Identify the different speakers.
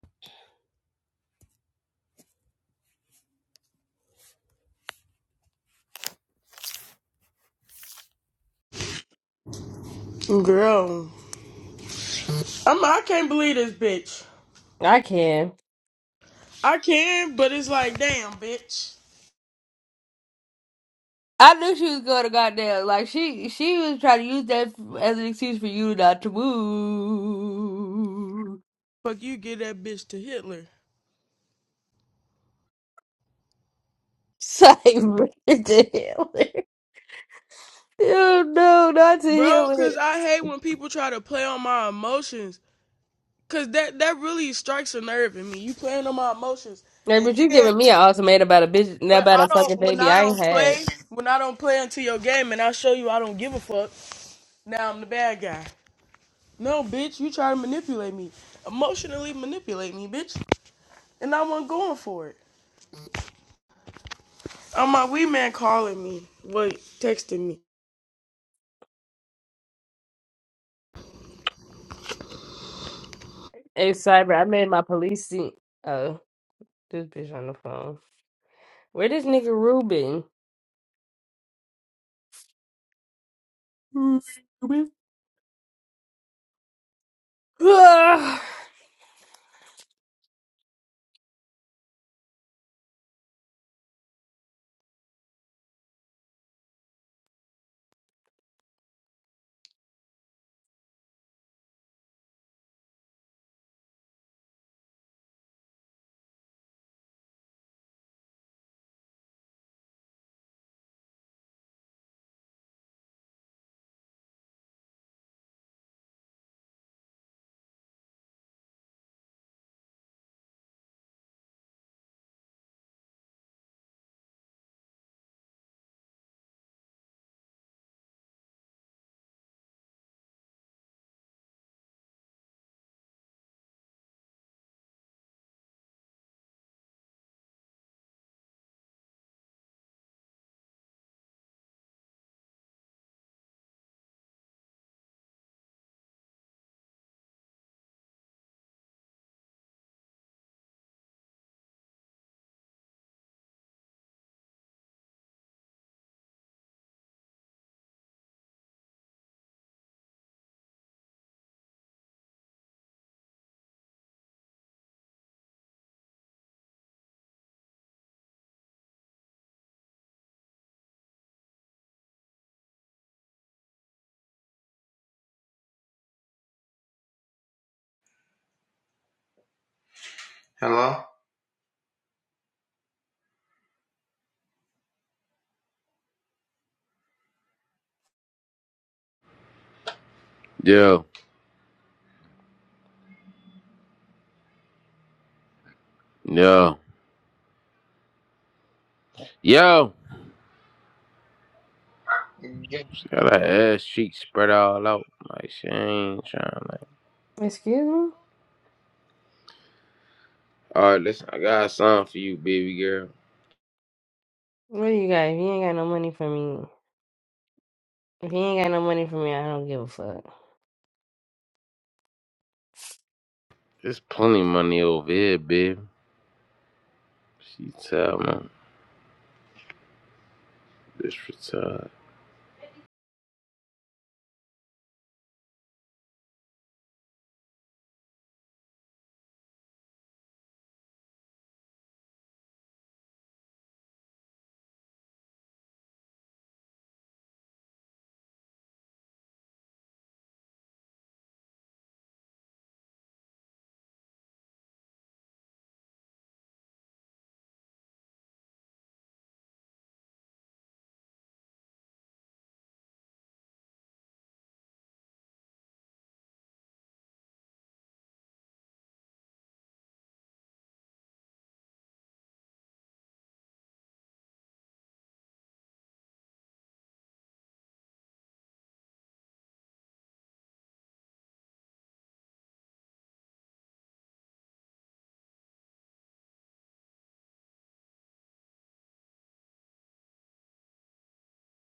Speaker 1: Girl, I'm. I can't believe this bitch.
Speaker 2: I can.
Speaker 1: I can, but it's like, damn, bitch.
Speaker 2: I knew she was going to goddamn. Like she, she was trying to use that as an excuse for you not to move.
Speaker 1: Fuck you, give that bitch to Hitler,
Speaker 2: Cyber to heal Oh no, not to
Speaker 1: bro.
Speaker 2: heal
Speaker 1: Cause
Speaker 2: it.
Speaker 1: I hate when people try to play on my emotions. Cause that that really strikes a nerve in me. You playing on my emotions,
Speaker 2: Like,
Speaker 1: and
Speaker 2: but you
Speaker 1: then
Speaker 2: giving me an ultimatum about a bitch, not
Speaker 1: when
Speaker 2: about
Speaker 1: I
Speaker 2: a fucking
Speaker 1: don't when
Speaker 2: baby
Speaker 1: I
Speaker 2: I ain't
Speaker 1: don't
Speaker 2: had.
Speaker 1: play when I don't play into your game, and I show you I don't give a fuck. Now I'm the bad guy. No, bitch, you try to manipulate me, emotionally manipulate me, bitch, and I wasn't going for it. Oh my wee man calling me. Wait, texting me.
Speaker 2: Hey, Cyber, I made my police scene. Oh, this bitch on the phone. Where this nigga Ruben? Ruben?
Speaker 3: Hello?
Speaker 4: Yeah, yeah, yeah. She got her ass cheeks spread all out. Like she ain't trying to.
Speaker 2: Excuse me?
Speaker 4: All right, listen, I got something for you, baby girl.
Speaker 2: What do you got? If you ain't got no money for me. If he ain't got no money for me, I don't give a fuck.
Speaker 4: There's plenty of money over here, baby. She tell me this for time.